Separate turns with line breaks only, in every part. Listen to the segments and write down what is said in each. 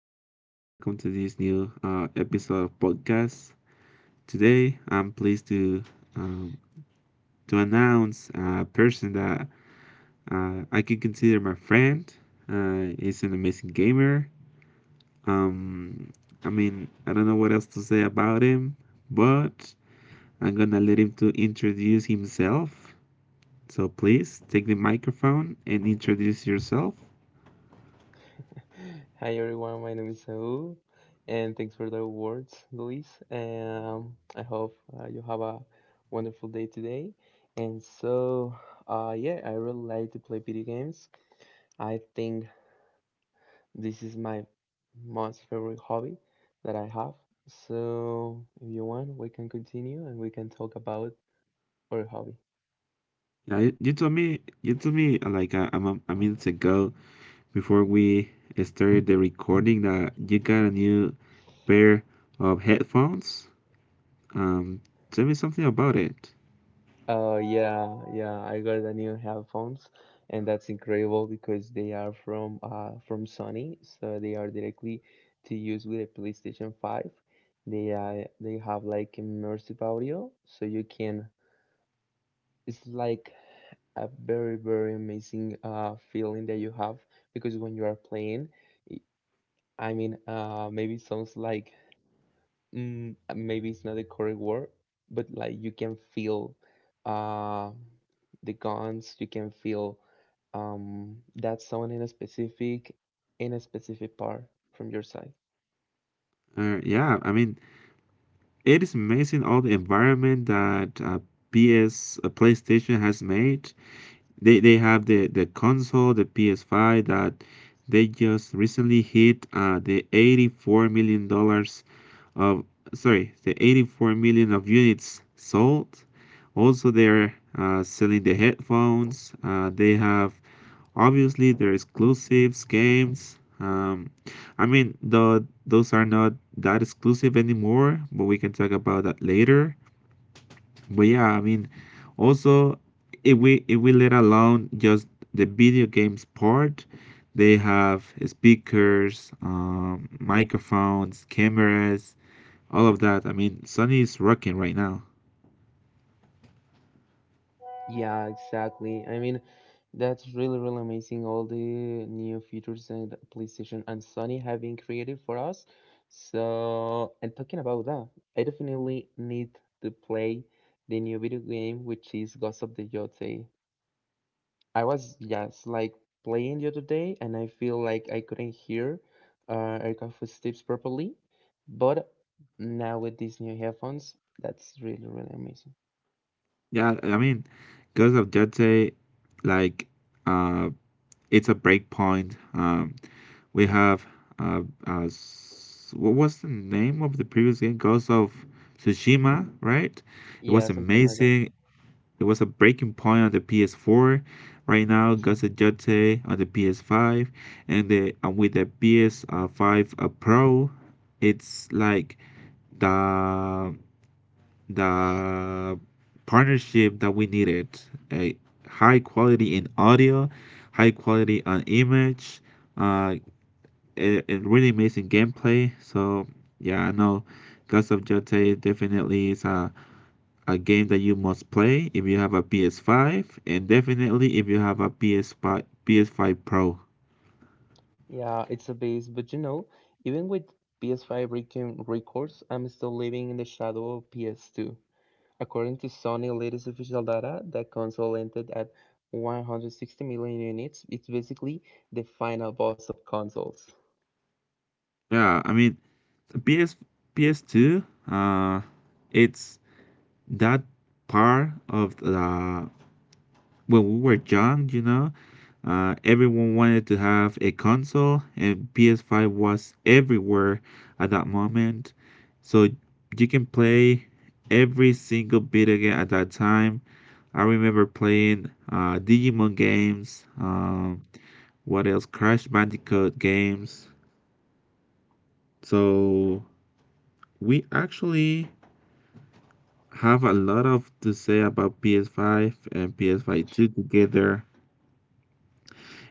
and welcome to this new episode of podcast. Today, I'm pleased to um, announce a person that I can consider my friend. He's an amazing gamer. Um, I mean, I don't know what else to say about him, but I'm gonna let him to introduce himself. So please take the microphone and introduce yourself.
Hi everyone, my name is Saul, and thanks for the words, Luis. I hope you have a wonderful day today. And so, yeah, I really like to play video games. I think this is my most favorite hobby that I have. So, if you want, we can continue and we can talk about our hobby.
Yeah, you told me like a minute ago before we started the recording that you got a new pair of headphones. Um, Tell me something about it.
Yeah, yeah, I got the new headphones, and that's incredible because they are from from Sony, so they are directly to use with a PlayStation 5. They have like immersive audio, so you can it's like a very amazing feeling that you have because when you are playing, i I mean, maybe it sounds like maybe it's not the correct word, but like you can feel uh, the guns, you can feel that someone in a specific part from your side.
Yeah, I mean, it is amazing all the environment that PS uh, PlayStation has made. They have the console, the PS5 that they just recently hit the $84 million of, sorry, the 84 million of units sold. Also, they're selling the headphones. They have obviously their exclusives games. I mean, though those are not that exclusive anymore, but we can talk about that later. But yeah, I mean, also if we let alone just the video games part, they have speakers, microphones, cameras, all of that. I mean, Sony is rocking right now.
Yeah, exactly. I mean, that's really amazing. All the new features and PlayStation and Sony have been created for us. So, and talking about that, I definitely need to play the new video game, which is Ghost of the Yotei. I was just like playing the other day and I feel like I couldn't hear aircraft footsteps properly. But now with these new headphones, that's really, really amazing.
Yeah, I mean, Ghost of Jete, like, uh, it's a breakpoint. We have uh, what was the name of the previous game? Ghost of Tsushima, right? It was
Yeah, something like that.
amazing. It was a breaking point on the PS4. Right now, Gus Adjute on the PS5, and the and with the PS5 Pro, it's like the the partnership that we needed. A high quality in audio, high quality on image, uh, a really amazing gameplay. So yeah, I know Gus of Jote definitely is a game that you must play if you have a PS5 and definitely if you have a PS5 PS5 Pro.
Yeah, it's a base, but you know, even with PS5 recon records, I'm still living in the shadow of PS2. According to Sony latest official data, the console ended at 160 million units. It's basically the final boss of consoles.
Yeah, I mean PS PS2 uh it's that part of the when we were young, everyone wanted to have a console, and PS5 was everywhere at that moment. So you can play every single video game at that time. I remember playing Digimon games. What else? Crash Bandicoot games. So we actually have a lot of to say about PS5 and PS5 2 together.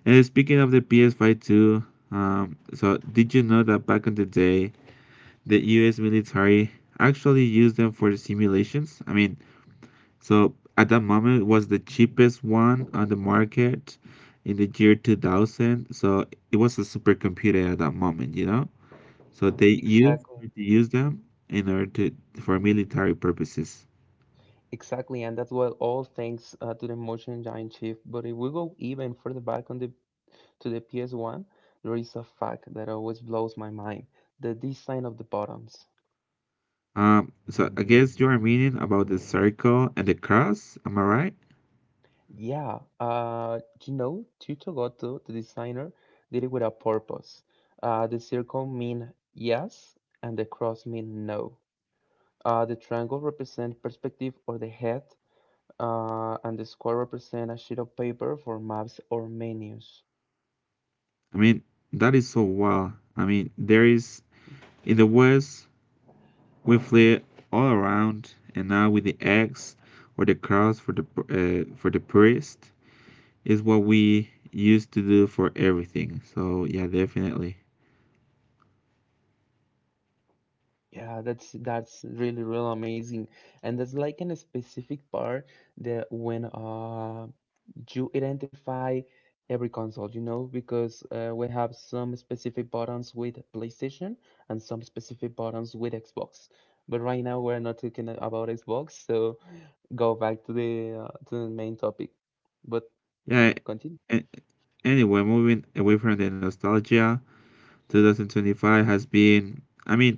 And speaking of the PS5 2, so did you know that back in the day, the U.S. military actually used them for simulations? I mean, so at that moment it was the cheapest one on the market in the year 2000. So it was a supercomputer at that moment. So they used
Exactly.
to use them in order to for military purposes.
Exactly, and that's well, all thanks to the motion giant shift. But if we go even further back on the to the PS1, there is a fact that always blows my mind: the design of the buttons.
So I guess you are meaning about the circle and the cross, am I right?
Yeah, you know, Chucho Goto, the designer, did it with a purpose. The circle mean yes, and the cross mean no. The triangle represent perspective or the head, and the square represent a sheet of paper for maps or menus.
I mean, that is so wild. I mean, there is in the West we flee all around, and now with the X or the cross for the purist, is what we used to do for everything. So yeah, definitely.
Yeah, that's really amazing, and that's like in a specific part that when you identify every console, you know, because we have some specific buttons with PlayStation and some specific buttons with Xbox. But right now we're not talking about Xbox, so go back to the main topic. But
Yeah.
continue.
a- Anyway, moving away from the nostalgia, 2025 has been, I mean,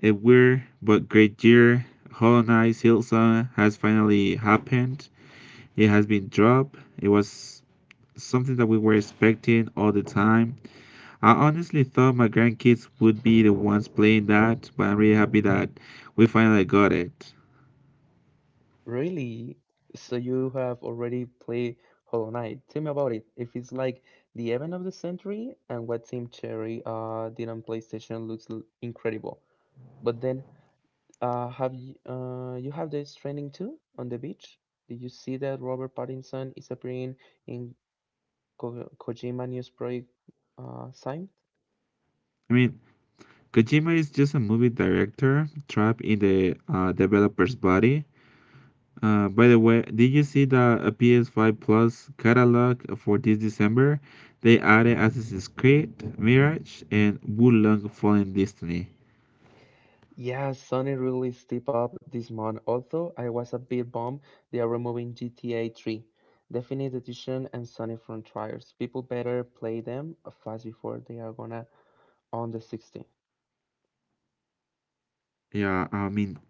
a weird but great year. Hollow Knight Silson has finally happened. It has been dropped. It was something that we were expecting all the time. I honestly thought my grandkids would be the ones playing that, but I'm really happy that we finally got it.
Really? So you have already played Hollow Knight. Tell me about it. If it's like the event of the century and what Team Cherry did on PlayStation looks incredible. But then have you you have this training too on the beach? Did you see that Robert Pattinson is appearing in Ko Kojima News Project sign?
I mean, Kojima is just a movie director trapped in the developer's body. By the way, did you see the PS5 Plus catalog for this December? They added Assassin's Creed, Mirage, and Wulong Fallen Destiny.
Yeah, Sony really stepped up this month. Although I was a bit bummed they are removing GTA 3, Definite Edition, and Sony Frontiers. People better play them fast before they are gonna on the 16th.
Yeah, I mean,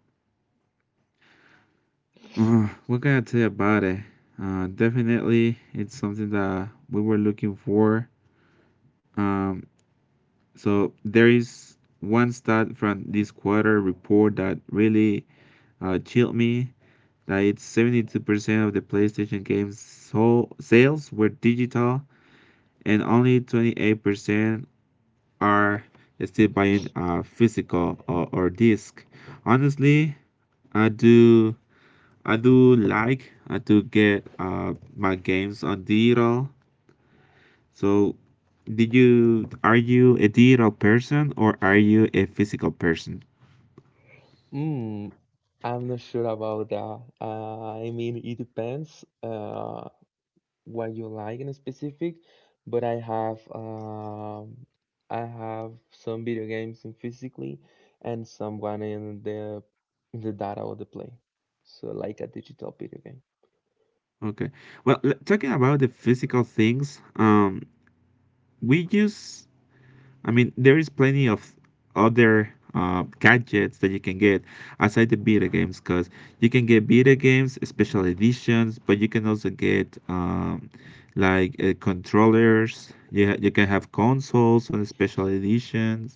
what can I tell you about it? Definitely, it's something that we were looking for. Um, so there is one stat from this quarter report that really chilled me. Like 72% of the PlayStation games sold sales were digital, and only 28% are still buying a physical or disc. Honestly, I do I do like I do get my games on digital. So, did you are you a digital person or are you a physical person?
Mm, I'm not sure about that. I mean, it depends. What you like in specific, but I have some video games in physically and someone in the data of the play. So like a digital video game.
Okay. Well, talking about the physical things, we use I mean, there is plenty of other gadgets that you can get aside the beta games, because you can get beta games, special editions, but you can also get like controllers. You can have consoles on special editions.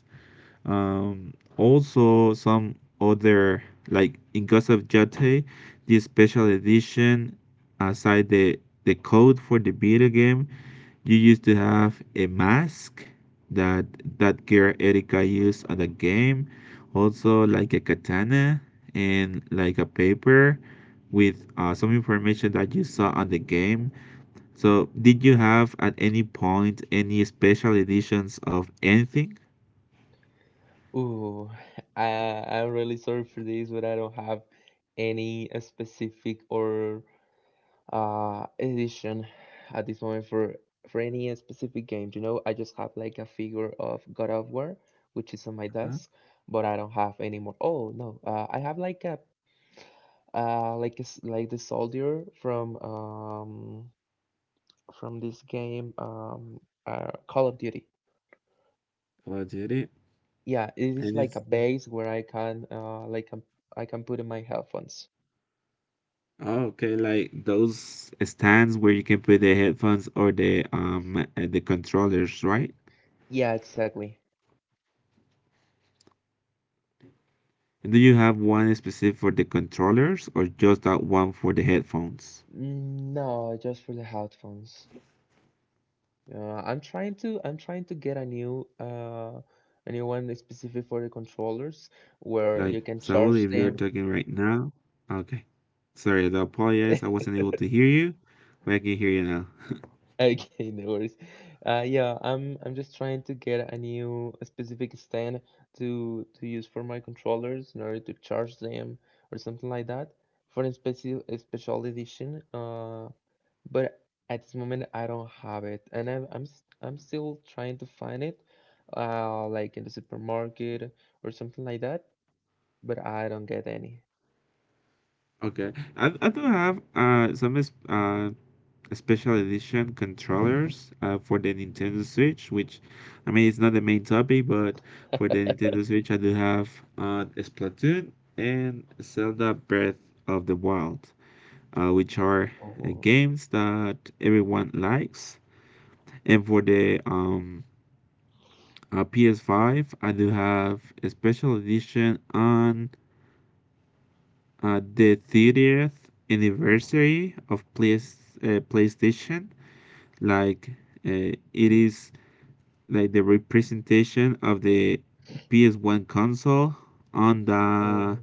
Also, some other, like in case of Jate, the special edition, aside the code for the video game, you used to have a mask that that girl Erika used at the game, also like a katana and like a paper with some information that you saw on the game. So, did you have at any point any special editions of anything?
Ooh, I I'm really sorry for this, but I don't have any specific or edition at this moment for any specific game. You know, I just have like a figure of God of War, which is on my
Uh-huh.
desk, but I don't have any more. Oh no, I have like a s like the soldier from this game Call of Duty.
Well, I did it.
Yeah, it is
And
like a
it's
base where I can like I can put in my headphones.
Oh, okay, like those stands where you can put the headphones or the controllers, right?
Yeah, exactly.
And do you have one specific for the controllers or just that one for the headphones?
No, just for the headphones. Yeah, I'm trying to get a new one specific for the controllers where
Like
you can
Saul,
charge
if you're
them.
talking right now, okay. Sorry, I apologize. I wasn't able to hear you, but I can hear you now.
Okay, no worries. Yeah, I'm just trying to get a new a specific stand to use for my controllers in order to charge them or something like that for a special edition. But at this moment I don't have it, and I'm still trying to find it, like in the supermarket or something like that, but I don't get any.
Okay, I do have special edition controllers for the Nintendo Switch, which I mean it's not the main topic, but for the Nintendo Switch I do have Splatoon and Zelda Breath of the Wild, which are
Oh,
games that everyone likes. And for the PS5, I do have a special edition on the 30th anniversary of PlayStation. Like it is like the representation of the PS1 console on
oh,
the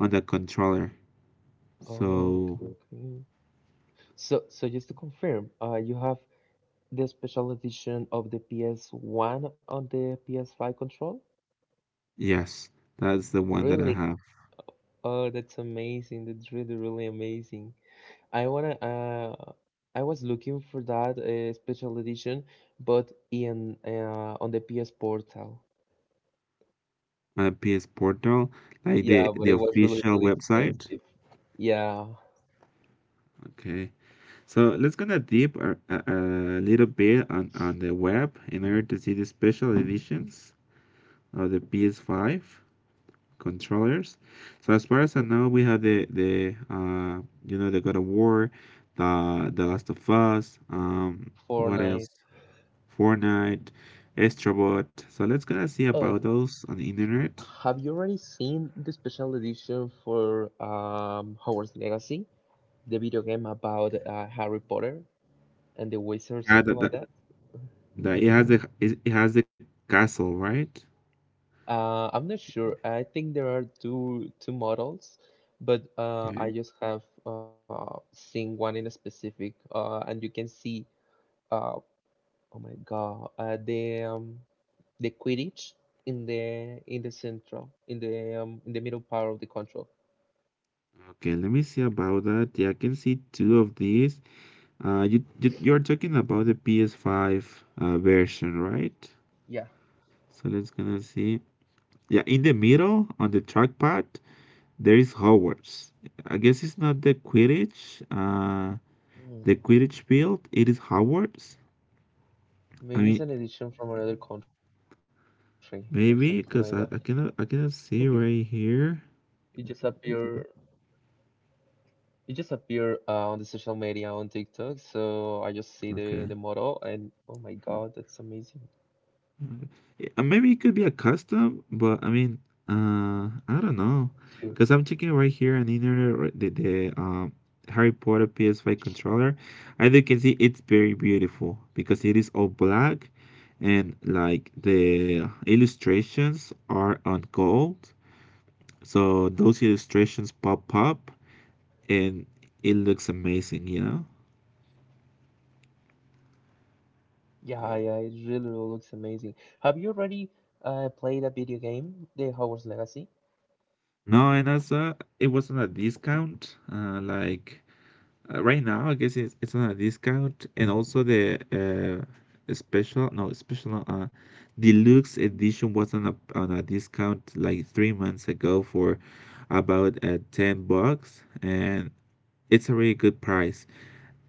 on the controller.
oh,
So
okay. So, so just to confirm, you have the special edition of the PS1 on the PS5 control?
yes, that's the one that I
Really?
have.
Oh, that's amazing. That's really, really amazing. I wanna. I was looking for that special edition, but in on the PS Portal.
My PS Portal, like
Yeah, but
the
it was really
official
really
website.
expensive. Yeah.
Okay, so let's gonna deep a little bit on the web in order to see the special editions of the PS5 controllers. So as far as I
Okay.
know, we have the you know the God of War, The Last of Us. What
Fortnite.
else? Fortnite, Astrobot. So let's gonna see
Oh,
about those on the internet.
have you already seen the special edition for Hogwarts Legacy, the video game about Harry Potter and the wizards,
Yeah,
something
that
like
that,
that?
that it has the it it has the castle, right?
I'm not sure. I think there are two models, but
Okay.
I just have seen one in a specific, and you can see uh, oh my God, the Quidditch in the central in the middle part of the control.
Okay, let me see about that. Yeah, I can see two of these. You're talking about the PS5 version, right?
Yeah,
So let's gonna see. Yeah, in the middle on the trackpad, there is Hogwarts. I guess it's not the Quidditch,
hmm.
the Quidditch field. It is Hogwarts.
Maybe it's
I
an
mean,
edition from another country or something like that.
maybe because
Could
I,
be.
I cannot, I cannot see
It
right
just
here.
appear. It just appeared on the social media on TikTok, so I just see the model
Okay,
and oh my God, that's amazing
Maybe it could be a custom, but I mean, I don't know,
too.
because I'm checking right here on the internet. Right- the the um. Harry Potter PS5 controller. As you can see, it's very beautiful because it is all black and like the illustrations are on gold. So those illustrations pop up and it looks amazing, you know?
Yeah, yeah, it really looks amazing. Have you already played a video game, The Hogwarts Legacy?
No, and it wasn't a discount. Like right now, I guess it's not a discount. And also the special, no, special, not, deluxe edition was on a discount like 3 months ago for about 10 bucks. And it's a really good price.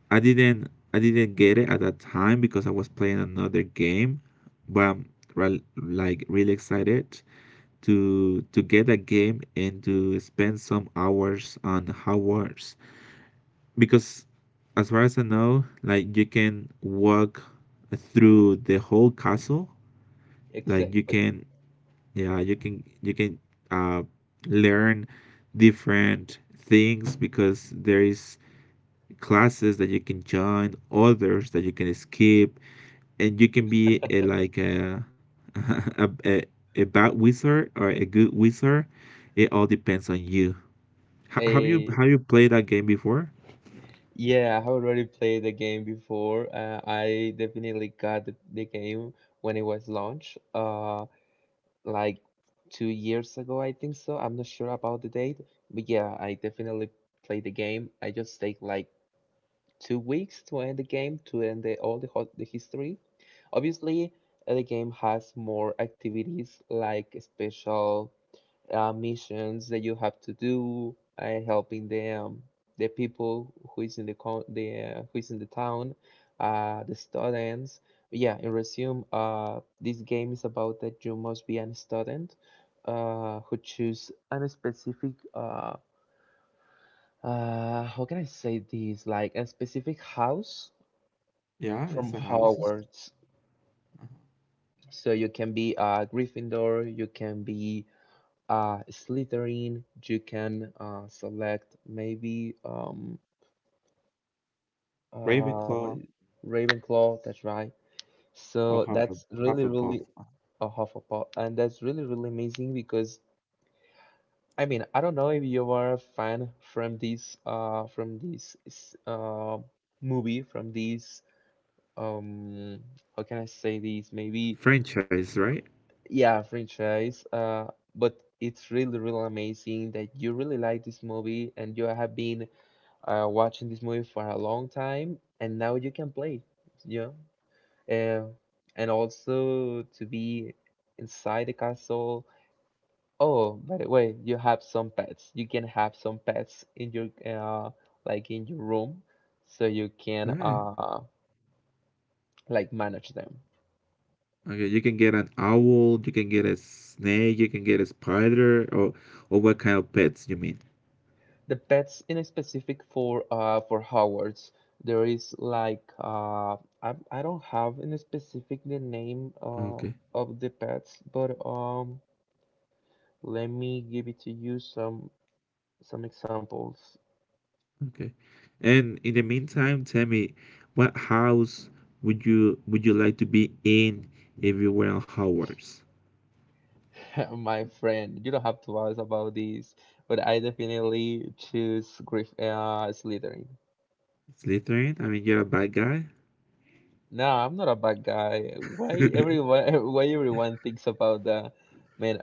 I didn't get it at that time because I was playing another game, but I'm like really excited to get that game and to spend some hours on Hogwarts because as far as I know, like you can walk through the whole castle. Like you
Exactly.
can yeah, you can uh learn different things because there is classes that you can join, others that you can skip, and you can be a, like a, a, a a bad wizard or a good wizard. It all depends on you.
Uh,
Have you played that game before?
yeah, I have already played the game before. I definitely got the game when it was launched. Like 2 years ago, I think so. I'm not sure about the date, but yeah, I definitely played the game. I just take like 2 weeks to end the game, to end all the history. Obviously, the game has more activities like special missions that you have to do, helping the people who is in the con- the who is in the town, the students. Yeah, in resume, this game is about that you must be an student, who choose a specific how can I say this? Like a specific house
Yeah,
from
it's a houses.
Hogwarts. So you can be a Gryffindor, you can be Slytherin, you can select maybe what
Ravenclaw
is Ravenclaw, that's right.
or
So that's really,
Hufflepuff.
really a Hufflepuff, and that's really, really amazing because I mean, I don't know if you are a fan from this movie from this um how can I say this maybe
Franchise, right?
yeah franchise but it's really, really amazing that you really like this movie and you have been watching this movie for a long time, and now you can play, you know? And also to be inside the castle. Oh, by the way, you have some pets. You can have some pets in your like in your room, so you can
Okay.
like manage them.
Okay, you can get an owl, you can get a snake, you can get a spider, or what kind of pets you mean?
The pets in specific for Hogwarts. There is like I don't have in specific the name
Okay.
of the pets, but let me give it to you some examples,
Okay. And in the meantime, tell me, what house would you like to be in if you were on Hogwarts?
my friend. You don't have to ask about this, but I definitely choose Griff Slytherin.
Slytherin? I mean, you're a bad guy.
No, I'm not a bad guy. Why everyone why everyone thinks about that? Man,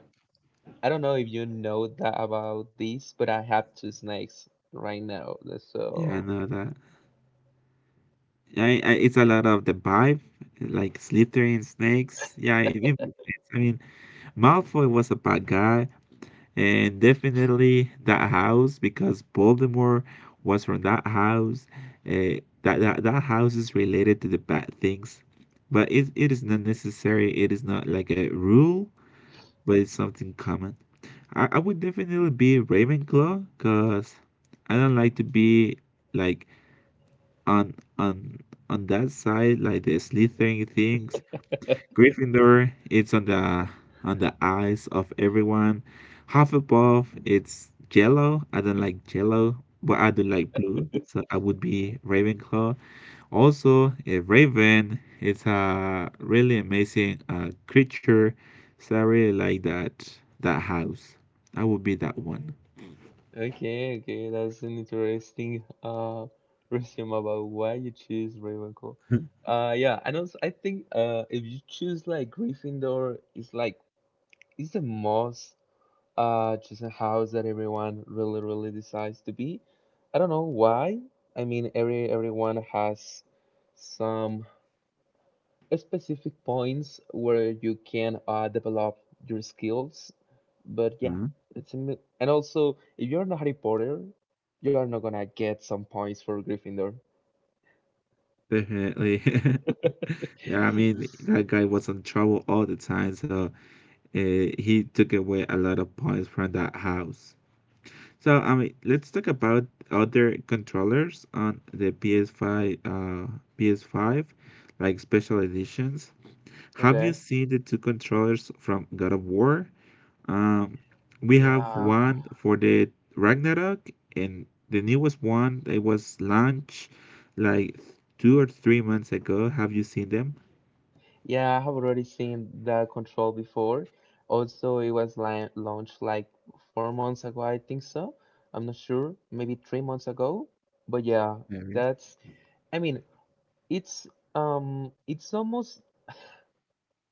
I don't know if you know that about this, but I have 2 snakes right now.
Yeah, I
So
know that. Yeah, it's a lot of the vibe, like Slytherin, snakes. Yeah, it makes sense. I mean, Malfoy was a bad guy. And definitely that house because Voldemort was from that house. That house is related to the bad things, but it is not necessary. It is not like a rule, but it's something common. I would definitely be Ravenclaw because I don't like to be like on on on that side like the Slytherin things. Gryffindor, it's on the eyes of everyone. Hufflepuff, it's yellow. I don't like yellow, but I do like blue, so I would be Ravenclaw. Also, a raven is a really amazing creature, so I really like that house. I would be that one.
okay, okay, that's an interesting resume about why you choose Ravenclaw. Yeah, and also I think if you choose like Gryffindor, it's like it's the most just a house that everyone really decides to be. I don't know why. I mean everyone has some specific points where you can develop your skills. But yeah,
Mhm.
it's a and also if you're not Harry Potter, you are not gonna get some points for Gryffindor.
Definitely. Yeah, I mean,
S-
that guy was in trouble all the time, so he took away a lot of points from that house. So, I mean, let's talk about other controllers on the PS5, PS5, like special editions. Have you
Okay.
seen the two controllers from God of War? Um, we have
Yeah,
one for the Ragnarok, and the newest one that was launched like 2 or 3 months ago. Have you seen them?
yeah, I have already seen the control before. Also, it was li launched like 4 months ago, I think so. I'm not sure, maybe 3 months ago. But yeah, that's. I mean, it's it's almost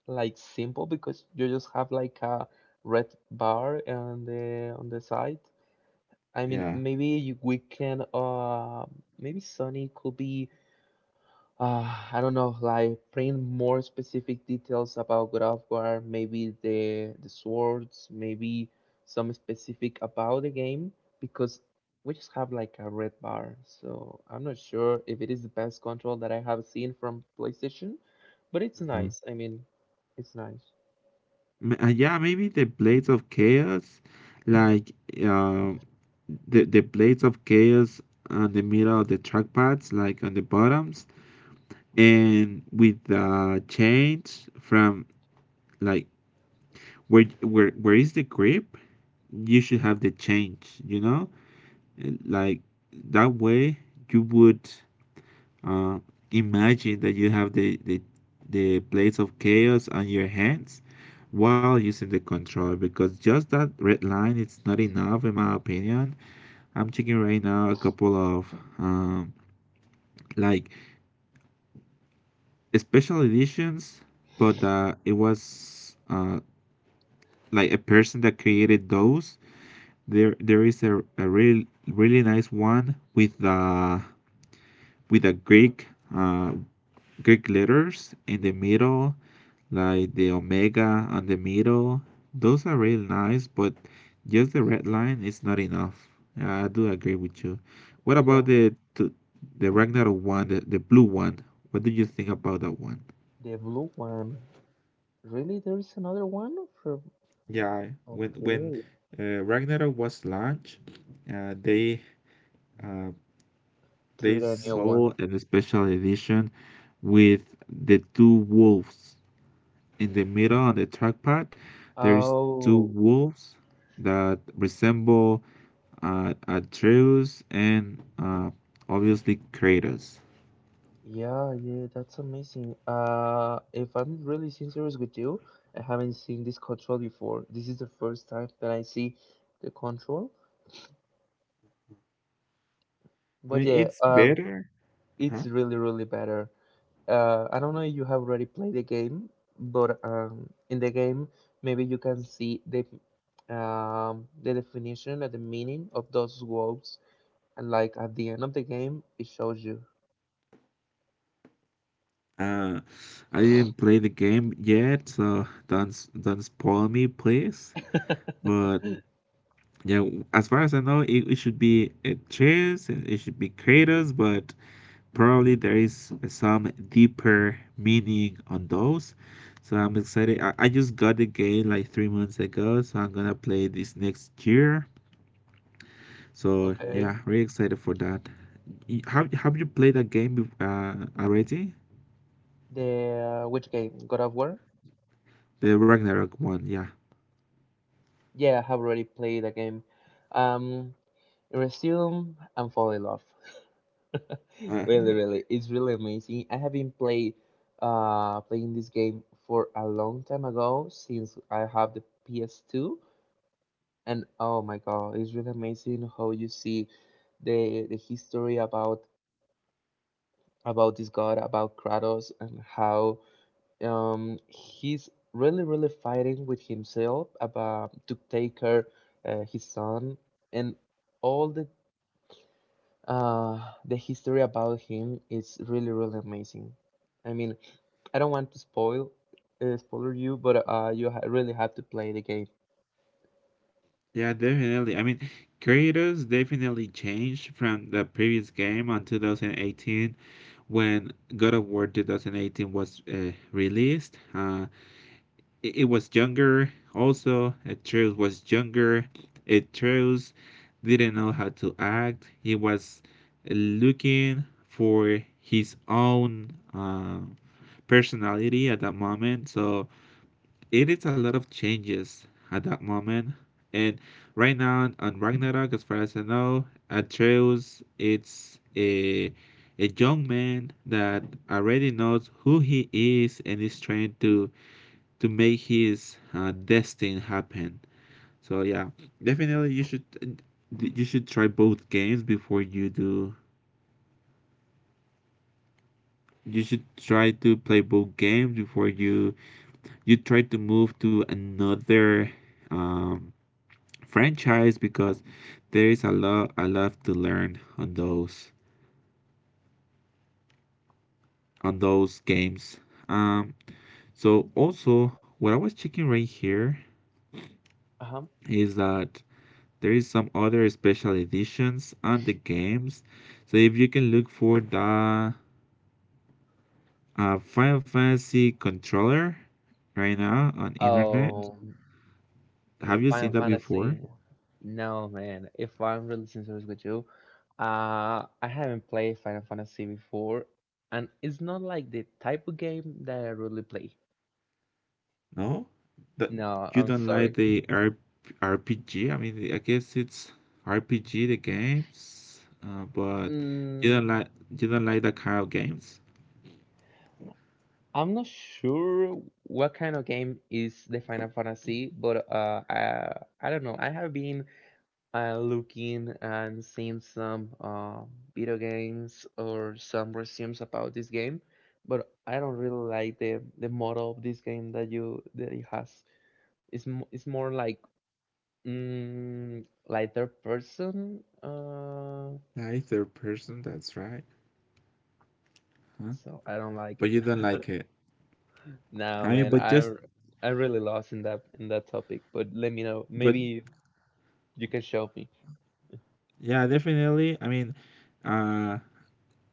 like simple because you just have like a red bar on the side. I mean,
Yeah.
maybe you, we can maybe Sony could be I don't know like print more specific details about God of War, maybe the swords, maybe some specific about the game because we just have like a red bar. So I'm not sure if it is the best control that I have seen from PlayStation, but it's
Mhm.
nice. I mean, it's nice.
Yeah, maybe the Blades of Chaos, like uh, the Blades of Chaos on the middle of the trackpads, like on the bottoms, and with the change from, like, where is the grip, you should have the change, you know. And, like, that way you would Uh, imagine that you have the plates of chaos on your hands while using the controller, because just that red line, it's not enough, in my opinion. I'm checking right now a couple of um, like special editions, but it was, like, a person that created those. There is a really nice one with with a uh Greek letters in the middle, like the omega on the middle. Those are really nice, but just the red line is not enough. I do agree with you. What
Yeah.
about the the Ragnarok one, the blue one? What do you think about that one?
The blue one. Really, there is another one from.
Yeah, when when
Okay,
uh, Ragnarok was launched, uh, they uh, they
create a new one.
sold a special edition with the two wolves in the middle on the trackpad. There is two
Oh,
wolves that resemble Atreus and, obviously, Kratos.
yeah, yeah, that's amazing. If I'm really serious with you, I haven't seen this control before. This is the first time that I see the control.
I
But
mean,
yeah,
it's better.
it's
Uh-huh.
really, really better. I don't know if you have already played the game, but in the game, maybe you can see the definition and the meaning of those words. And like at the end of the game, it shows you.
Uh, I didn't play the game yet, so don't spoil me, please. But yeah, as far as I know, it should be Atreus and it should be Kratos, but probably there is some deeper meaning on those. So I'm excited. I just got the game like 3 months ago, so I'm gonna play this next year.
Mm.
So
Okay.
yeah, really excited for that. Have you played that game already?
The which game? God of War?
The Ragnarok one, yeah.
Yeah, I have already played the game. Um, Resume and fall in love.
Uh,
Really, really, it's really amazing. I have been played playing this game for a long time ago since I have the PS2, and oh my God, it's really amazing how you see the history about this god, about Kratos, and how he's really, really fighting with himself about to take care his son and all uh, the history about him is really, really amazing. I mean, I don't want to spoiler you, but you ha really have to play the game.
yeah, definitely. I mean, creators definitely changed from the previous game on 2018, when God of War 2018 was released. It, it was younger. Also Atreus was younger. Atreus didn't know how to act. He was looking for his own personality at that moment, so it is a lot of changes at that moment. And right now on Ragnarok, as far as I know, Atreus it's a young man that already knows who he is and is trying to make his destiny happen. So yeah, definitely you should, you should try both games before you do. You should try to play both games before you, you try to move to another um, franchise, because there is a lot to learn on those, on those games. Um, so also what I was checking right here
Uh-huh.
is that there is some other special editions on the games. So if you can look for the Final Fantasy controller right now on internet,
Oh. With
have you seen
Final
that
Fantasy,
before?
no man. If I'm really sincere with you, I haven't played Final Fantasy before, and it's not like the type of game that I really play.
No, that
No,
you
I'm
don't
sorry.
like
Mm.
the RPG. I mean, I guess it's RPG the games, but you don't
Mm,
like, you don't like that kind of games.
I'm not sure what kind of game is the Final Fantasy, but I don't know. I have been I looking and seeing some video games or some resumes about this game, but I don't really like the model of this game that it has. It's more like like third person.
Neither person, that's right. Huh?
So I don't like it.
But you don't like it.
Nah,
I
man,
mean, but just
I really lost in that topic. But let me know.
but
Maybe you can show me.
Yeah, definitely. I mean, uh,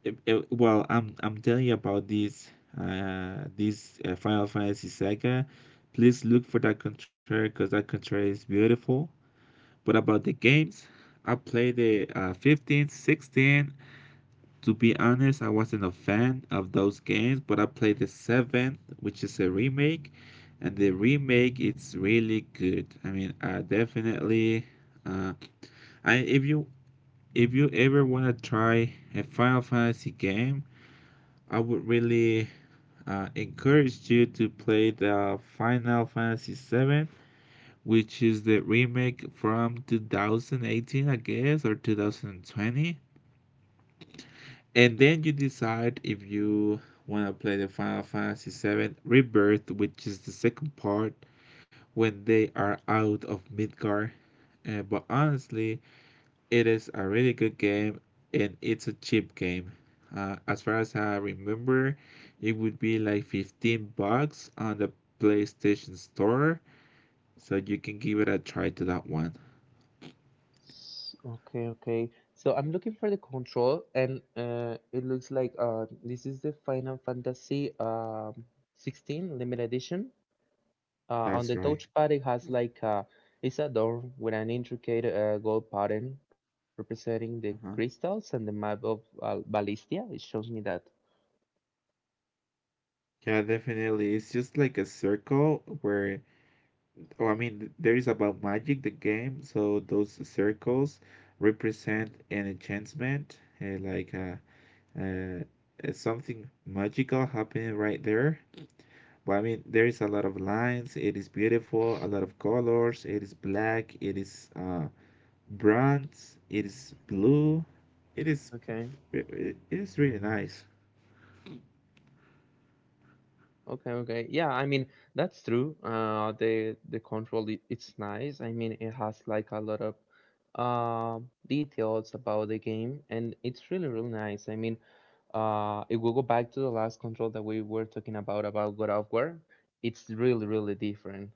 well, I'm telling you about this Final Fantasy saga. Please look for that contrary, because that contrary is beautiful. But about the games, I played the 15, 16. To be honest, I wasn't a fan of those games, but I played the 7, which is a remake, and the remake is really good. I mean, I definitely. Uh, I, if you, if you ever want to try a Final Fantasy game, I would really, encourage you to play the Final Fantasy VII, which is the remake from 2018, I guess, or 2020. And then you decide if you want to play the Final Fantasy Seven Rebirth, which is the second part, when they are out of Midgar. But honestly, it is a really good game and it's a cheap game. As far as I remember, it would be like 15 bucks on the PlayStation Store, so you can give it a try to that one.
Okay, okay. So I'm looking for the control, and it looks like this is the Final Fantasy 16 limited edition. On
That's
the
right.
touchpad, it has it's a door with an intricate gold pattern representing the
Uh-huh.
crystals and the map of Ballistia. It shows me that.
Yeah, definitely. It's just like a circle where, oh, I mean, there is about magic the game, so those circles represent an enchantment, eh, like uh, something magical happening right there. Well, I mean, there is a lot of lines. It is beautiful. A lot of colors. It is black. It is bronze. It is blue. It is
Okay,
it is really nice.
okay. Yeah, I mean that's true. The control it's nice. I mean it has like a lot of details about the game, and it's really really nice. I mean, if we go back to the last control that we were talking about God of War, it's really really different.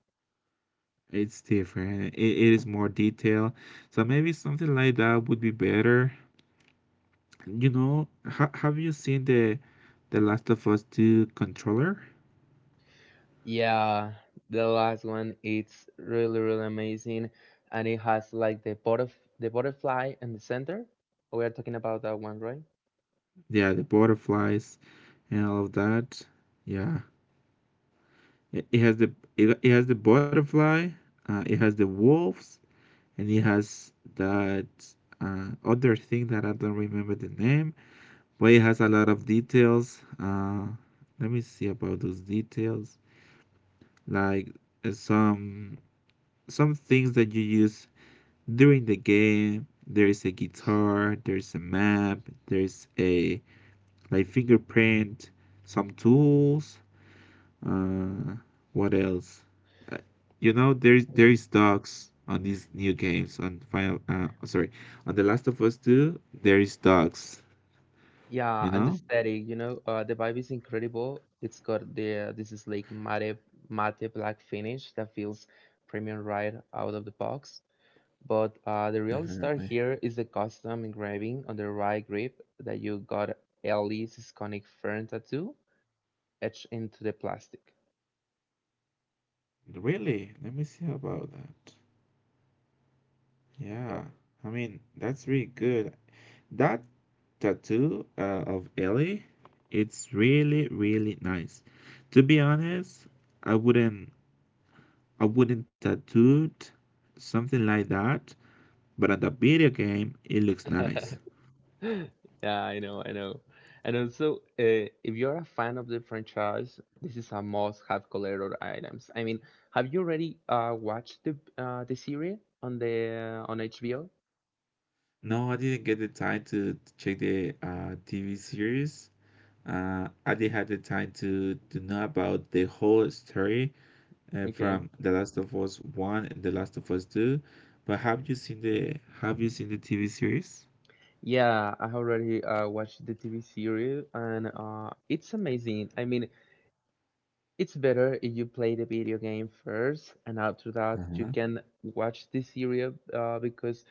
It's different. It is more detailed. So maybe something like that would be better. You know, have you seen the Last of Us 2 controller?
Yeah, the last one it's really really amazing, and it has like the butterfly in the center. We are talking about that one, right?
Yeah, the butterflies and all of that. Yeah, it has the, it has the butterfly. It has the wolves and it has that other thing that I don't remember the name, but it has a lot of details. Let me see about those details, like uh, some some things that you use during the game. There is a guitar, there's a map, there's a, like, fingerprint, some tools. Uh, what else? Uh, you know, there's
Yeah,
there's dogs on these new games on Final. On The Last of Us Two, there is dogs.
yeah,
You
and the
know.
static, you know, the vibe is incredible. It's got the This is like matte black finish that feels premium right out of the box. But the real star
Definitely.
here is the custom engraving on the right grip that you got Ellie's iconic fern tattoo etched into the plastic.
Really? Let me see about that. Yeah, I mean that's really good. That tattoo of Ellie, it's really really nice. To be honest, I wouldn't, I wouldn't tattooed something like that. But on the video game, it looks nice.
Yeah, I know, I know. And also, if you're a fan of the franchise, this is a must-have collector items. I mean, have you already watched the series on the on HBO?
No, I didn't get the time to check the TV series. I didn't have the time to know about the whole story
Okay.
from The Last of Us One and The Last of Us Two. But have you seen the, have you seen the TV series?
Yeah, I already watched the TV series, and it's amazing. I mean, it's better if you play the video game first, and after that you
Uh-huh.
can watch the series because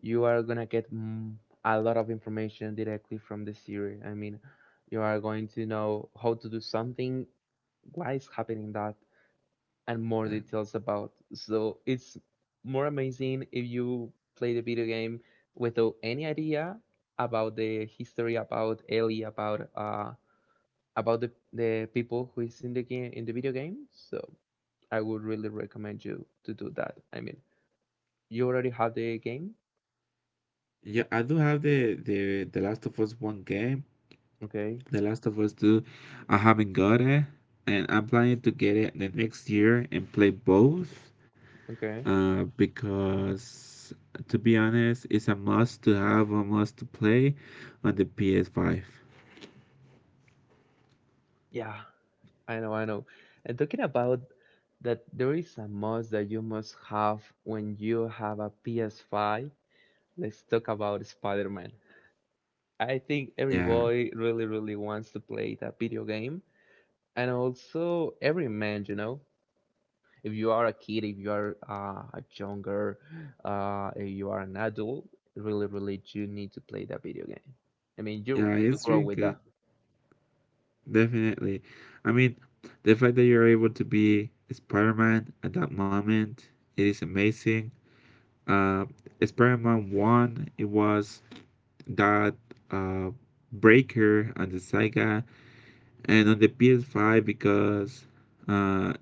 you are gonna get a lot of information directly from the series. I mean, you are going to know how to do something, why is happening that, and more
Okay.
details about. So it's more amazing if you play the video game without any idea about the history, about Ellie, about the people who is in the game in the video game. So I would really recommend you to do that. I mean, you already have the game.
Yeah, I do have the, the Last of Us One game.
Okay.
The Last of Us Two, I haven't got it, and I'm planning to get it the next year and play both.
Okay.
Uh, because to be honest, it's a must to have, a must to play on the PS5.
Yeah. I know, I know. And talking about that, there is a must that you must have when you have a PS5. Let's talk about Spider-Man. I think every
Yeah,
boy really, really wants to play that video game, and also every man, you know. If you are a kid, if you are a younger, if you are an adult, really, really, you need to play that video game. I mean, you
yeah,
you
it's
grow
really
with that.
good. Definitely. I mean, the fact that you're able to be Spider-Man at that moment, it is amazing. Uh, Spider-Man 1, it was that uh, breaker on the Sega and on the PS5, because uh,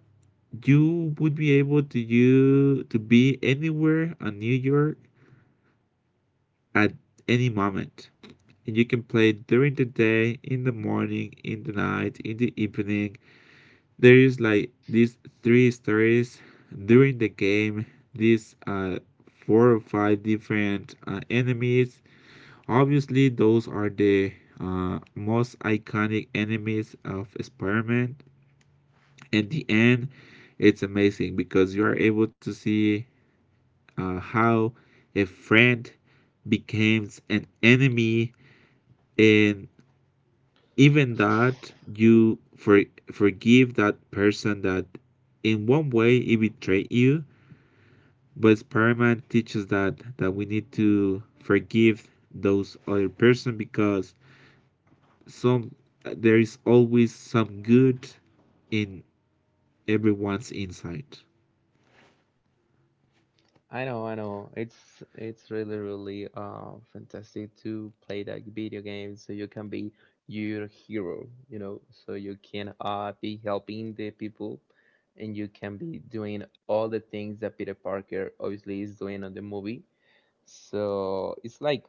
you would be able to you, to be anywhere in New York at any moment. And you can play during the day, in the morning, in the night, in the evening. There is like these three stories during the game. These four or five different enemies. Obviously, those are the most iconic enemies of Spider-Man. At the end, it's amazing because you are able to see how a friend becomes an enemy, and even that you forgive that person, that in one way he betrayed you. But Spider-Man teaches that we need to forgive those other person, because some, there is always some good in everyone's inside.
I know, I know. It's really really fantastic to play that video game so you can be your hero, you know, so you can be helping the people and you can be doing all the things that Peter Parker obviously is doing on the movie. So it's like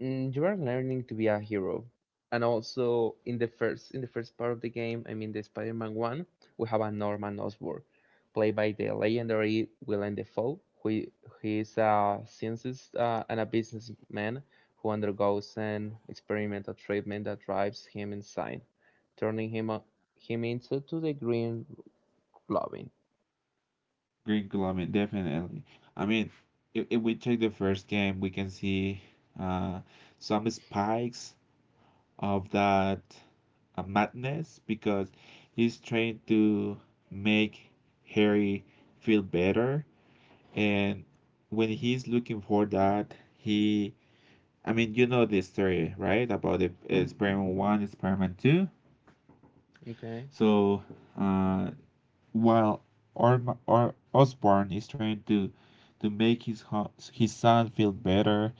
you are learning to be a hero. And also in the first part of the game, I mean the Spider-Man one, we have a Norman Osborn played by the legendary Willem Dafoe, he is a scientist and a businessman who undergoes an experimental treatment that drives him insane, turning him into to the Green Goblin.
Green Climate, definitely. I mean, if we check the first game, we can see uh, some spikes of that madness, because he's trying to make Harry feel better. And when he's looking for that, he, I mean, you know the story, right? About the experiment one, experiment two.
Okay.
So, uh, while Orma, or Osborn is trying to make his son feel better,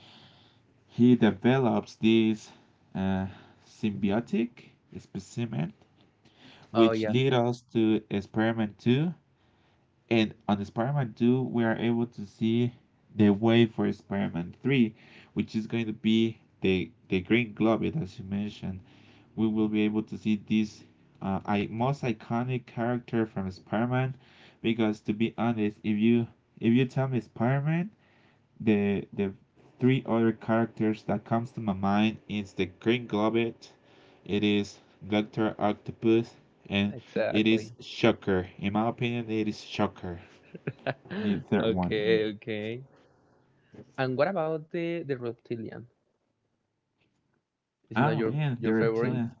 he develops this uh, symbiotic specimen,
Oh
which
yeah.
leads us to experiment two. And on experiment two, we are able to see the way for experiment three, which is going to be the green globe, as you mentioned. We will be able to see this, most iconic character from Spider-Man. Because to be honest, if you, if you tell me Spider-Man, the three other characters that comes to my mind is the Green Goblin, it is Doctor Octopus, and it is
Exactly.
Shocker. In my opinion, it is Shocker, the third one.
Okay, okay. And what about the reptilian? It's not
Oh
your
man,
your
the
favorite.
reptilian.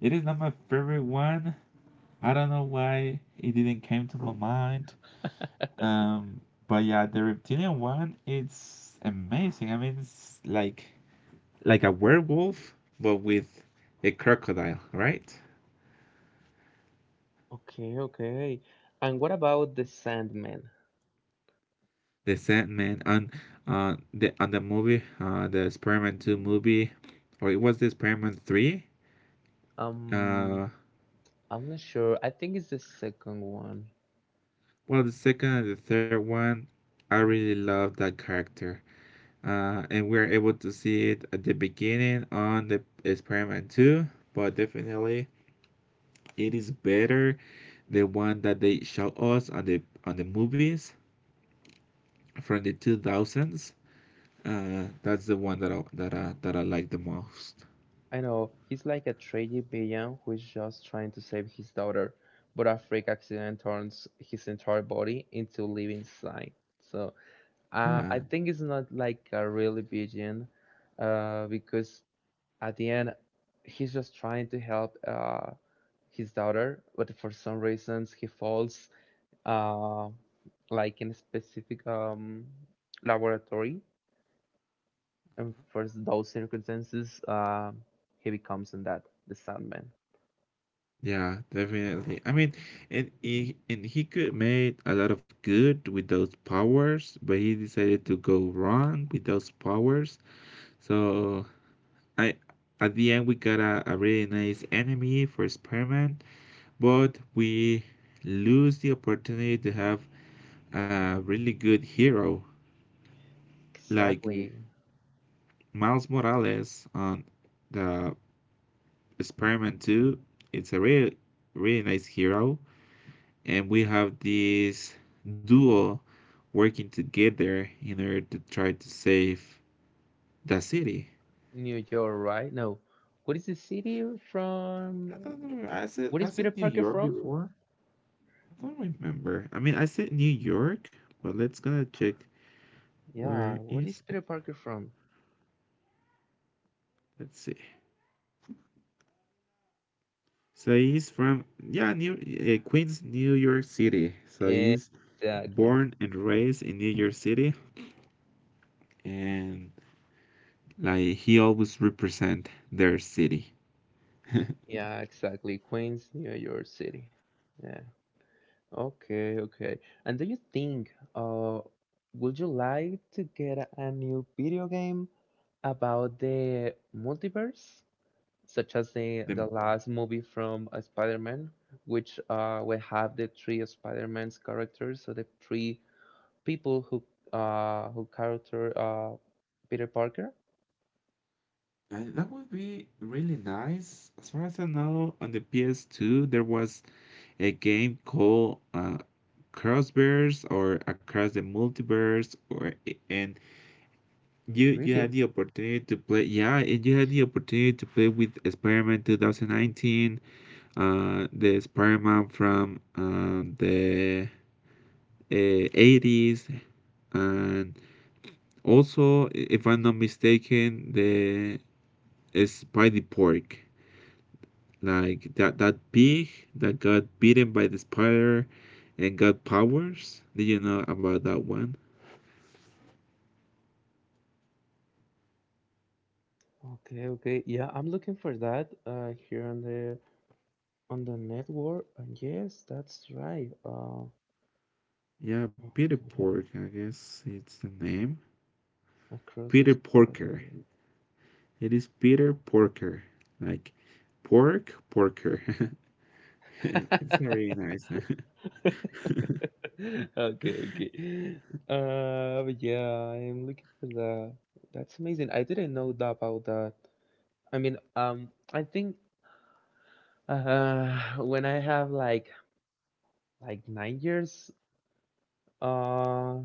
It is not my favorite one. I don't know why it didn't came to my mind. Um, but yeah, the reptilian one, it's amazing. I mean, it's like a werewolf, but with a crocodile, right?
Okay, okay. And what about The Sandman?
The Sandman on the on the movie, the man Two movie, or it was the man Three.
Um,
Uh,
I'm not sure. I think it's the second one.
well, the second and the third one, I really love that character. And we're able to see it at the beginning on the Spider-Man Two, but definitely it is better the one that they show us on the movies from the 2000s. That's the one that I like the most.
I know he's like a tragic villain who is just trying to save his daughter, but a freak accident turns his entire body into living slime. So
Yeah,
I think it's not like a really villain, because at the end he's just trying to help his daughter, but for some reasons he falls. Uh, like in a specific laboratory, and for those circumstances, he becomes in that the Sandman.
yeah, definitely. I mean, and he could made a lot of good with those powers, but he decided to go wrong with those powers. So I at the end we got a really nice enemy for Spider-Man, but we lose the opportunity to have a really good hero like
Exactly,
Miles Morales on the Spider-Man 2. It's a really really nice hero, and we have this duo working together in order to try to save the city.
New York, right? No, what is the city from?
I don't know. I said
What is
I
Peter
said New
Parker
York
from?
before. I don't remember. I mean, I said New York, but let's gonna check
Yeah,
where
what is
is.
Peter Parker from?
Let's see. So he's from yeah, New Queens, New York City. So he's
Exactly.
born and raised in New York City, and like he always represent their city.
Yeah, exactly. Queens, New York City. Yeah. Okay, okay. And do you think, would you like to get a new video game about the multiverse, such as the
The,
last movie from Spider-Man, which will have the three of Spider-Man's characters, so the three people who character Peter Parker.
that would be really nice. As far as I know, on the PS2 there was a game called Crossbears or Across the Multiverse, or and you had
Really?
the opportunity to play. Yeah, and you had the opportunity to play with Experiment 2019 the Spider-Man from the 80s and also if I'm not mistaken the Spidey Pork like that pig that got bitten by the spider and got powers did you know about that one
Okay, okay, yeah, I'm looking for that here on the network, and yes, that's right.
yeah Peter Pork
Okay,
I guess it's the name
across the
Peter
spider.
Porker it is Peter Porker like pork porker it's very nice
Okay, okay. But yeah, I am looking for that. That's amazing. I didn't know that about that. I mean, I think when I have like 9 years, uh,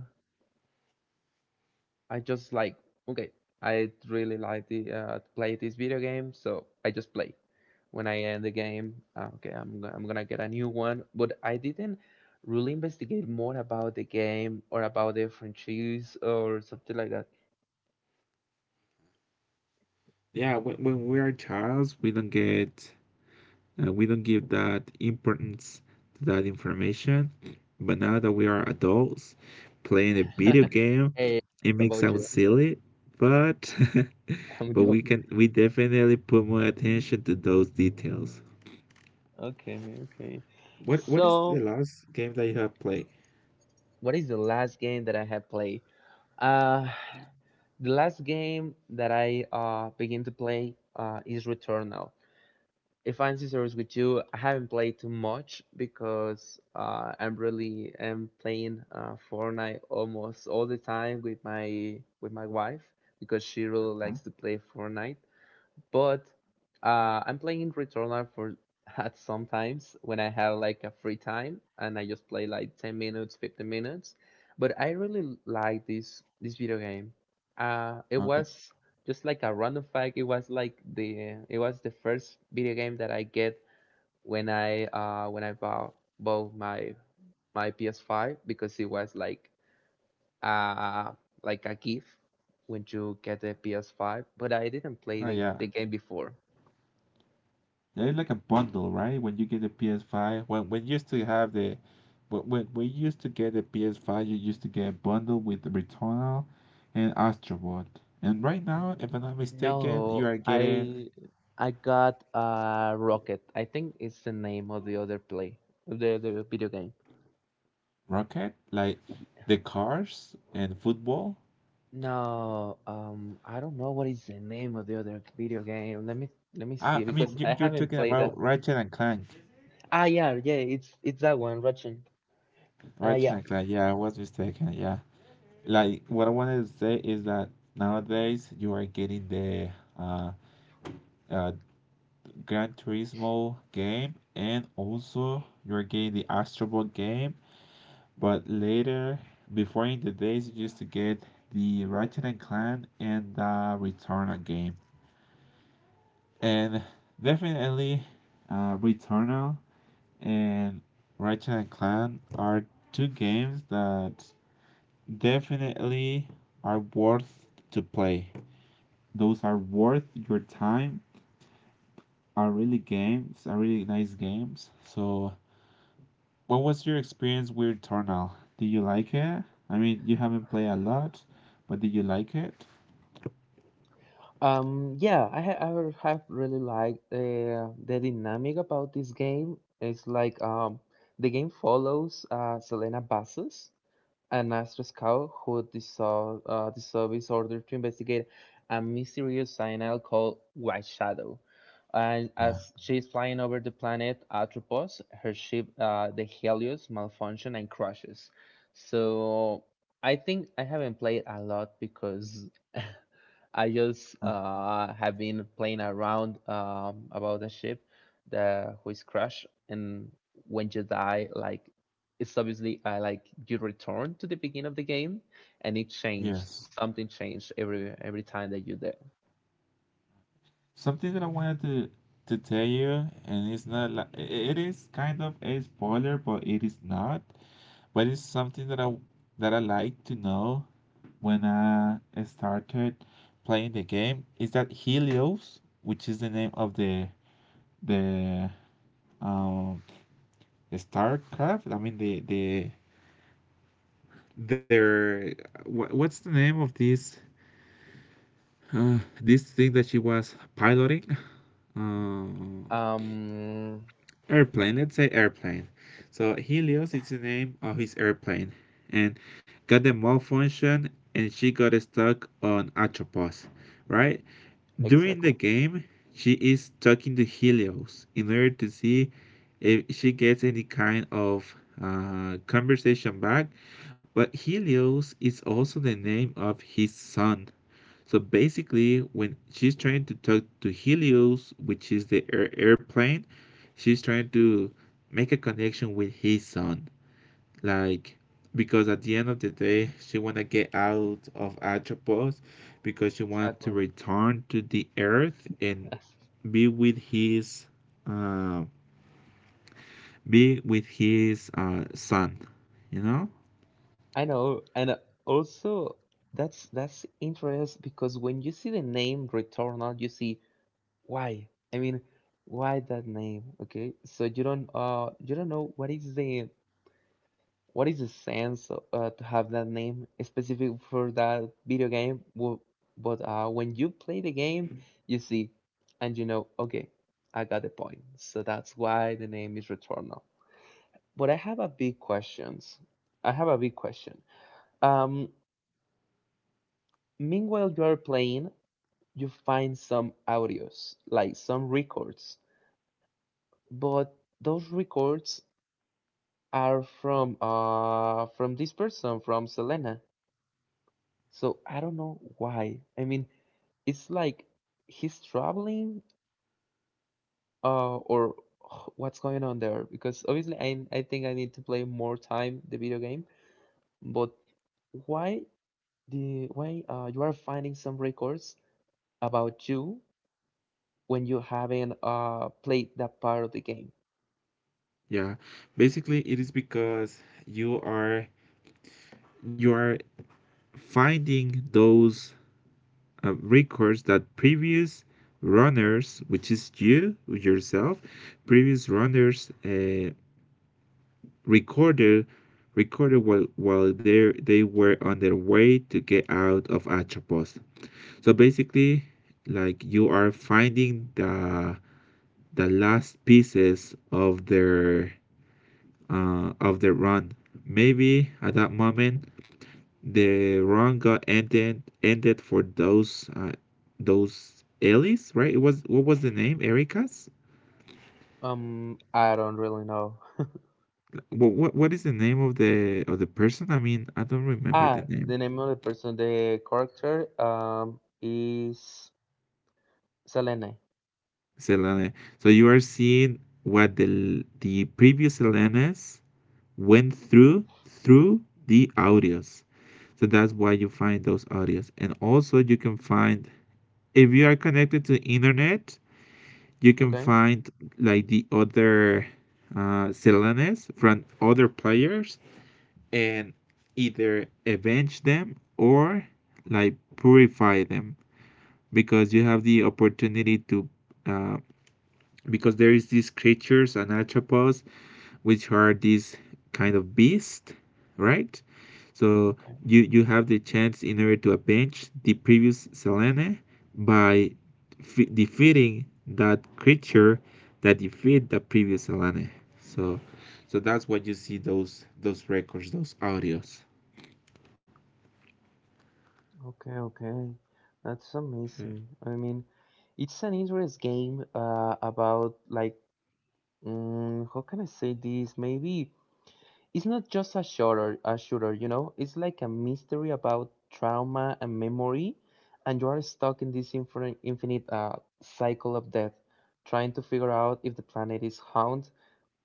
I just like okay, I really like the play this video game, so I just play. When I end the game. "Ah, okay, I'm gonna get a new one. But I didn't really investigate more about the game or about the franchise or something like that.
yeah when we are childs we don't get we don't give that importance to that information but now that we are adults playing a video game
Hey, what
it may
about you?
sound silly but
I'm
but we
joking.
can we definitely put more attention to those details
Okay, okay.
what is the
So,
last game that you have played.
what is the last game that I have played? Uh, the last game that I begin to play is Returnal. If I'm so serious with you, I haven't played too much because I'm really am playing Fortnite almost all the time with my wife because she really
Huh?
likes to play Fortnite. But I'm playing Returnal for at sometimes when I have like a free time and I just play like 10 minutes, 15 minutes. But I really like this video game. It
Okay.
was just like a random fact. It was like the it was the first video game that I get when I bought my my PS5 because it was uh like a gift when you get the PS5. But I didn't play
Oh yeah.
the game before.
They're like a bundle, right? When you get the PS5, when you used to have the when we used to get the PS5, you used to get a bundle with Returnal and Astrobot. And right now, if I'm not mistaken, you
No,
are getting
I got a Rocket. I think it's the name of the other play, of the other video game.
Rocket, like the cars and football.
No, I don't know what is the name of the other video game. Let me
I,
see
I mean,
because
you,
I
you're
haven't
talking
played that.
about Ratchet and Clank.
Ah, yeah, yeah, it's that one, Ratchet.
Ratchet
Yeah.
and Clank, yeah, I was mistaken, yeah. Like, what I wanted to say is that nowadays you are getting the uh, uh, Gran Turismo game and also you're getting the Astro Bot game. But later, before in the days, you used to get the Ratchet and Clan and the Returnal game. And definitely, Returnal and Ratchet and Clan are two games that definitely are worth to play. Those are worth your time. Are really games. Are really nice games. So what was your experience with Tornal? Did you like it? I mean, you haven't played a lot, but did you like it?
Yeah, I have really liked the dynamic about this game. It's like the game follows Selena Bastos. An asked Pascal, who dissolved the service order to investigate a mysterious cyanide called White Shadow. And
Yeah.
as she's flying over the planet Atropos, her ship, the Helios, malfunctions and crashes. So I think I haven't played a lot because I just
uh,
have been playing around about the ship that who is crashed, and when you die, like it's obviously like you return to the beginning of the game and it changed
Yes.
something changed every time that you there.
Something that I wanted to tell you, and it's not like it is kind of a spoiler, but it is not. But it's something that I like to know when I started playing the game is that Helios, which is the name of the um StarCraft, I mean the there, what's the name of this uh, this thing that she was piloting? Uh,
um
Airplane. Let's say airplane. So Helios is the name of his airplane, and got the malfunction, and she got stuck on Atropos, right? During
exactly.
the game, she is talking to Helios in order to see if she gets any kind of conversation back. But Helios is also the name of his son. So basically, when she's trying to talk to Helios, which is the airplane, she's trying to make a connection with his son like because at the end of the day she want to get out of Atropos because she wants to
Exactly.
return to the earth and be with his uh, be with his son, you know?
I know, and also that's interesting because when you see the name Returnal, you see why. I mean, why that name? Okay, so you don't know what is the, what is the sense to have that name specific for that video game? But when you play the game, you see, and you know, okay, I got the point. So that's why the name is Returnal. But I have a big questions. I have a big question. Um, Meanwhile you are playing, you find some audios, like some records, but those records are from this person, from Selena. So I don't know why. I mean, it's like he's traveling, or what's going on there? Because obviously, I think I need to play more time the video game. But why, the why you are finding some records about you when you haven't played that part of the game?
Yeah, basically it is because you are finding those records that previous runners, which is you yourself, previous runners recorded, recorded while they were on their way to get out of Atropos. So basically, like you are finding the last pieces of their run. Maybe at that moment the run got ended for those Ellis, right? It was what was the name? Erica's?
I don't really know.
What, what is the name of the person? I mean, I don't remember the
Ah,
name.
the name of the person, the character, is Selene.
Selene. So you are seeing what the previous Selenes went through through the audios. So that's why you find those audios. And also you can find if you are connected to internet, you can
Okay,
find like the other Selenes from other players and either avenge them or like purify them because you have the opportunity to uh, because there is these creatures on arthropods which are these kind of beasts, right, so
okay.
you have the chance in order to avenge the previous selene by defeating that creature that defeat the previous selene, so so that's what you see those records, those audios.
Okay, okay. That's
Okay.
amazing. I mean, it's an interest game about like how can I say this? Maybe it's not just a shooter, you know? It's like a mystery about trauma and memory, and you are stuck in this infinite cycle of death, trying to figure out if the planet is haunted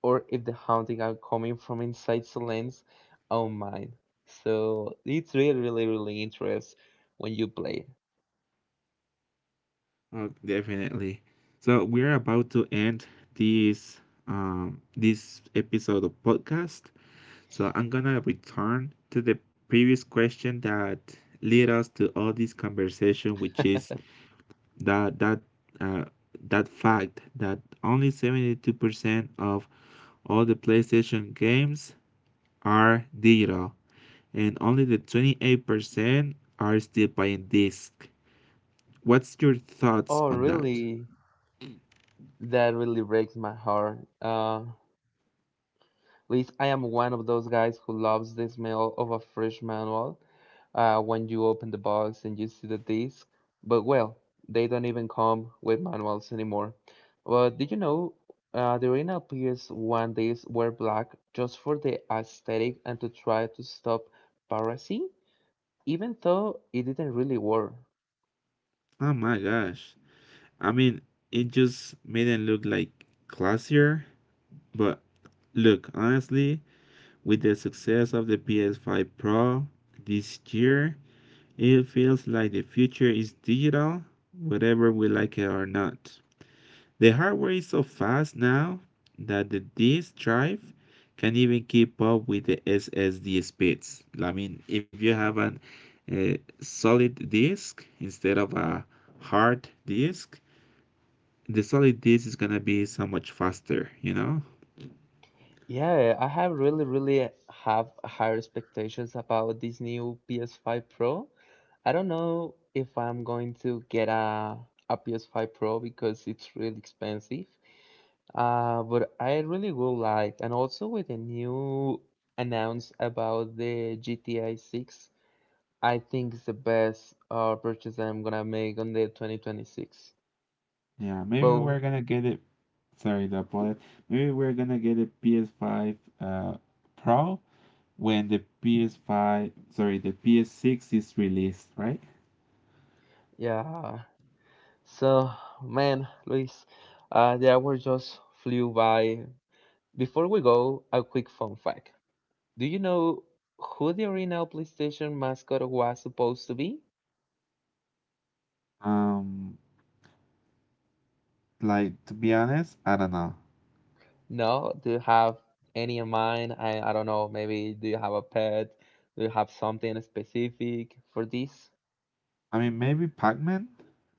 or if the haunting are coming from inside Solene's own mind. So it's really, really, really interesting when you play.
Oh, definitely. So we're about to end this this episode of podcast. So I'm gonna return to the previous question that led us to all this conversation, which is that that uh, that fact that only 72% of all the PlayStation games are digital, and only the 28% are still playing disc. What's your thoughts
Oh,
on that?
really? That really breaks my heart. Luis, I am one of those guys who loves the smell of a fresh manual when you open the box and you see the disc. But well, they don't even come with manuals anymore. But did you know the original PS1 discs were black just for the aesthetic and to try to stop piracy, even though it didn't really work.
Oh my gosh! I mean, it just made it look like classier, but look honestly with the success of the PS5 Pro this year, it feels like the future is digital, whether we like it or not. The hardware is so fast now that the disk drive can even keep up with the SSD speeds. I mean, if you have a solid disk instead of a hard disk, the solid disk is gonna be so much faster, you know?
Yeah, I have really, really have higher expectations about this new PS5 Pro. I don't know if I'm going to get a PS5 Pro because it's really expensive. But I really would like, and also with the new announce about the GTI 6, I think it's the best purchase I'm gonna make on the 2026. Mm.
Yeah, maybe
But
we're gonna get it. Sorry to apologize. Maybe we're gonna get a PS5 Pro when the PS5, sorry, the PS6 is released, right?
yeah. So, man, Luis, the hour just flew by. Before we go, a quick fun fact. Do you know who the original PlayStation mascot was supposed to be?
Um, like to be honest, I don't know.
No? Do you have any in mind? I don't know. Maybe do you have a pet? Do you have something specific for this?
I mean, maybe Pac-Man.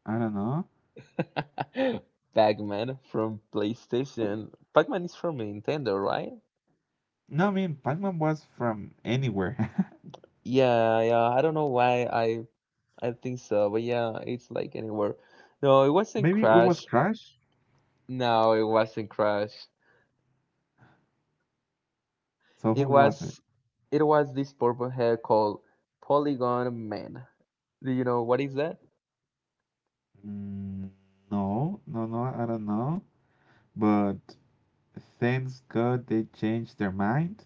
I don't know.
Pac-Man from PlayStation. Pac-Man is from Nintendo, right?
No, I mean Pac-Man was from anywhere.
Yeah, yeah. I don't know why I think so, but yeah, it's like anywhere. No, it wasn't
Maybe it was
Crash.
Crash.
No, it wasn't Crash.
So
It
who was it?
was it was this purple hair called Polygon Man. Do you know what is that?
Mm, no, no, no. I don't know. But thanks God they changed their mind.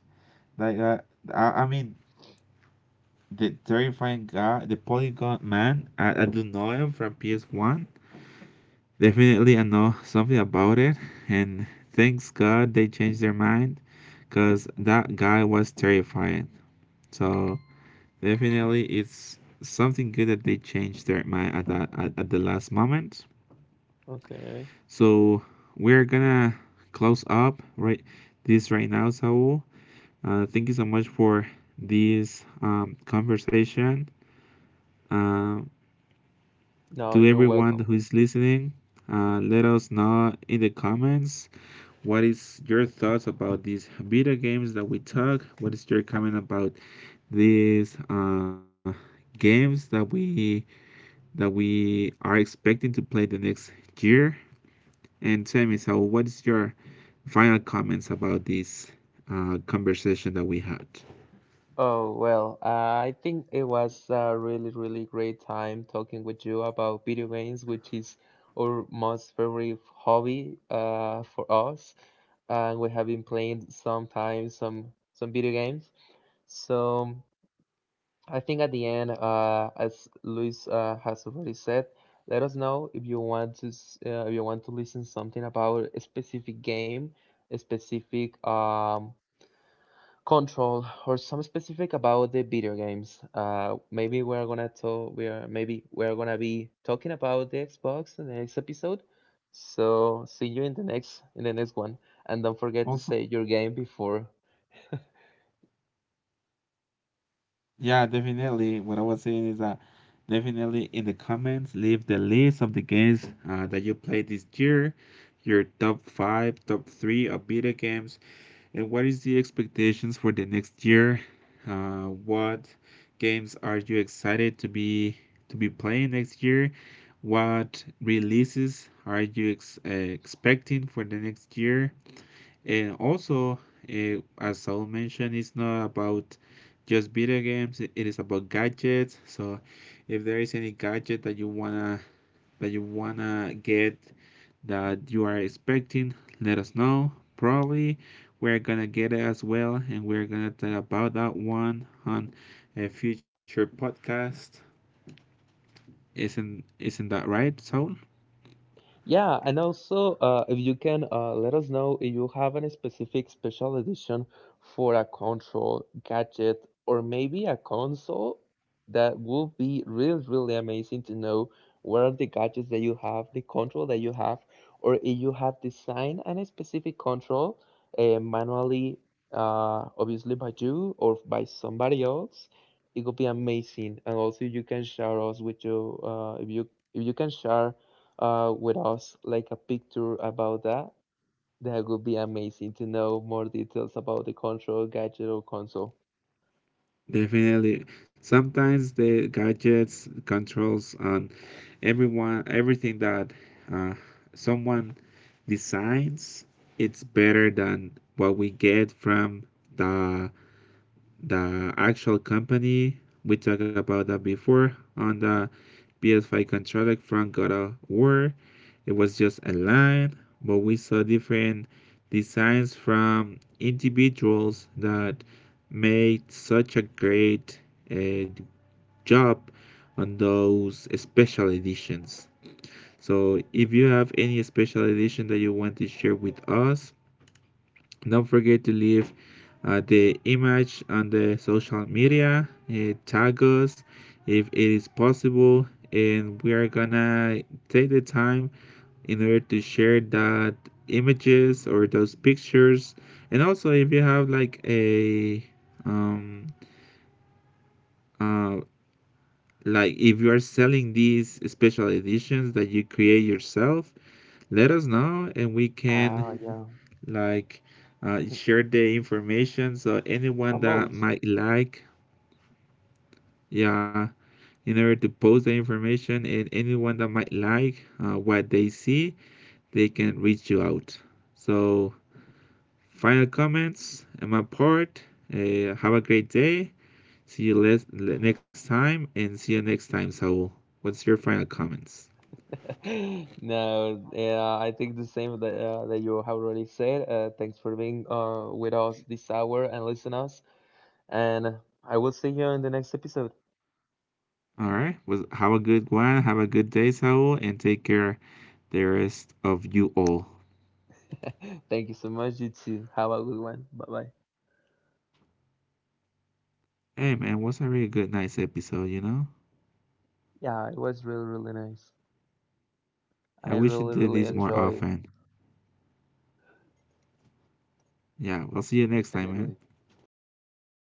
Like I mean, the terrifying guy, the Polygon Man. I do know him from PS One. Definitely, I know something about it, and thanks God they changed their mind, cause that guy was terrifying. So definitely, it's something good that they changed their mind at at the last moment.
Okay.
So we're gonna close up this right now, Saul. Thank you so much for this conversation. Uh,
No,
to
you're
everyone who
welcome.
is listening, let us know in the comments what is your thoughts about these video games that we talk. What is your comment about these games that we are expecting to play the next year? And tell me, so what is your final comments about this conversation that we had?
Oh, well, I think it was a really, really great time talking with you about video games, which is our most favorite hobby for us. And we have been playing sometimes some video games. So I think at the end, as Luis has already said, let us know if you want to if you want to listen something about a specific game, a specific control, or some specific about the video games. Maybe we're gonna talk. We are Maybe we're gonna be talking about the Xbox in the next episode. So see you in the next one, and don't forget to
Also,
say your game before.
yeah, definitely. What I was saying is that definitely in the comments, leave the list of the games that you played this year, your top five, top three of video games, and what is the expectations for the next year? What games are you excited to be playing next year? What releases are you expecting for the next year? And also, eh, as Saul mentioned, it's not about just video games. It is about gadgets. So, if there is any gadget that you wanna get that you are expecting, let us know. Probably we're gonna get it as well, and we're gonna talk about that one on a future podcast. Isn't that right, Saul?
Yeah, and also if you can let us know if you have any specific special edition for a control gadget or maybe a console, that would be really, really amazing to know what are the gadgets that you have, the control that you have, or if you have designed any specific control manually, obviously by you or by somebody else. It would be amazing, and also you can share us with you if you can share with us like a picture about that, that would be amazing to know more details about the control gadget or console.
Definitely. Sometimes the gadgets, controls, and everyone, everything that uh, someone designs, it's better than what we get from the the actual company. We talked about that before on the PS5 controller from God of War. It was just a line, but we saw different designs from individuals that made such a great uh, job on those special editions. So if you have any special edition that you want to share with us, don't forget to leave the image on the social media, tag us if it is possible, and we are gonna take the time in order to share that images or those pictures. And also, if you have like a um, uh, like if you are selling these special editions that you create yourself, let us know and we can
Oh, yeah.
like share the information so anyone that
Promote.
might like, yeah, in order to post the information and anyone that might like what they see they can reach you out. So final comments on my part, have a great day, see you next time and see you next time Saul. What's your final comments?
No, yeah, I think the same that that you have already said. Thanks for being with us this hour and listen us. And I will see you in the next episode.
All right. Was have a good one, have a good day Saul, and take care the rest of you all.
Thank you so much. You too. Have a good one. Bye bye.
Hey man, was a really good, nice episode, you know?
Yeah, it was really really nice.
I
I
wish you
really
did
really
this more
enjoy.
often. Yeah, I'll see you next time, man.
Definitely. See you.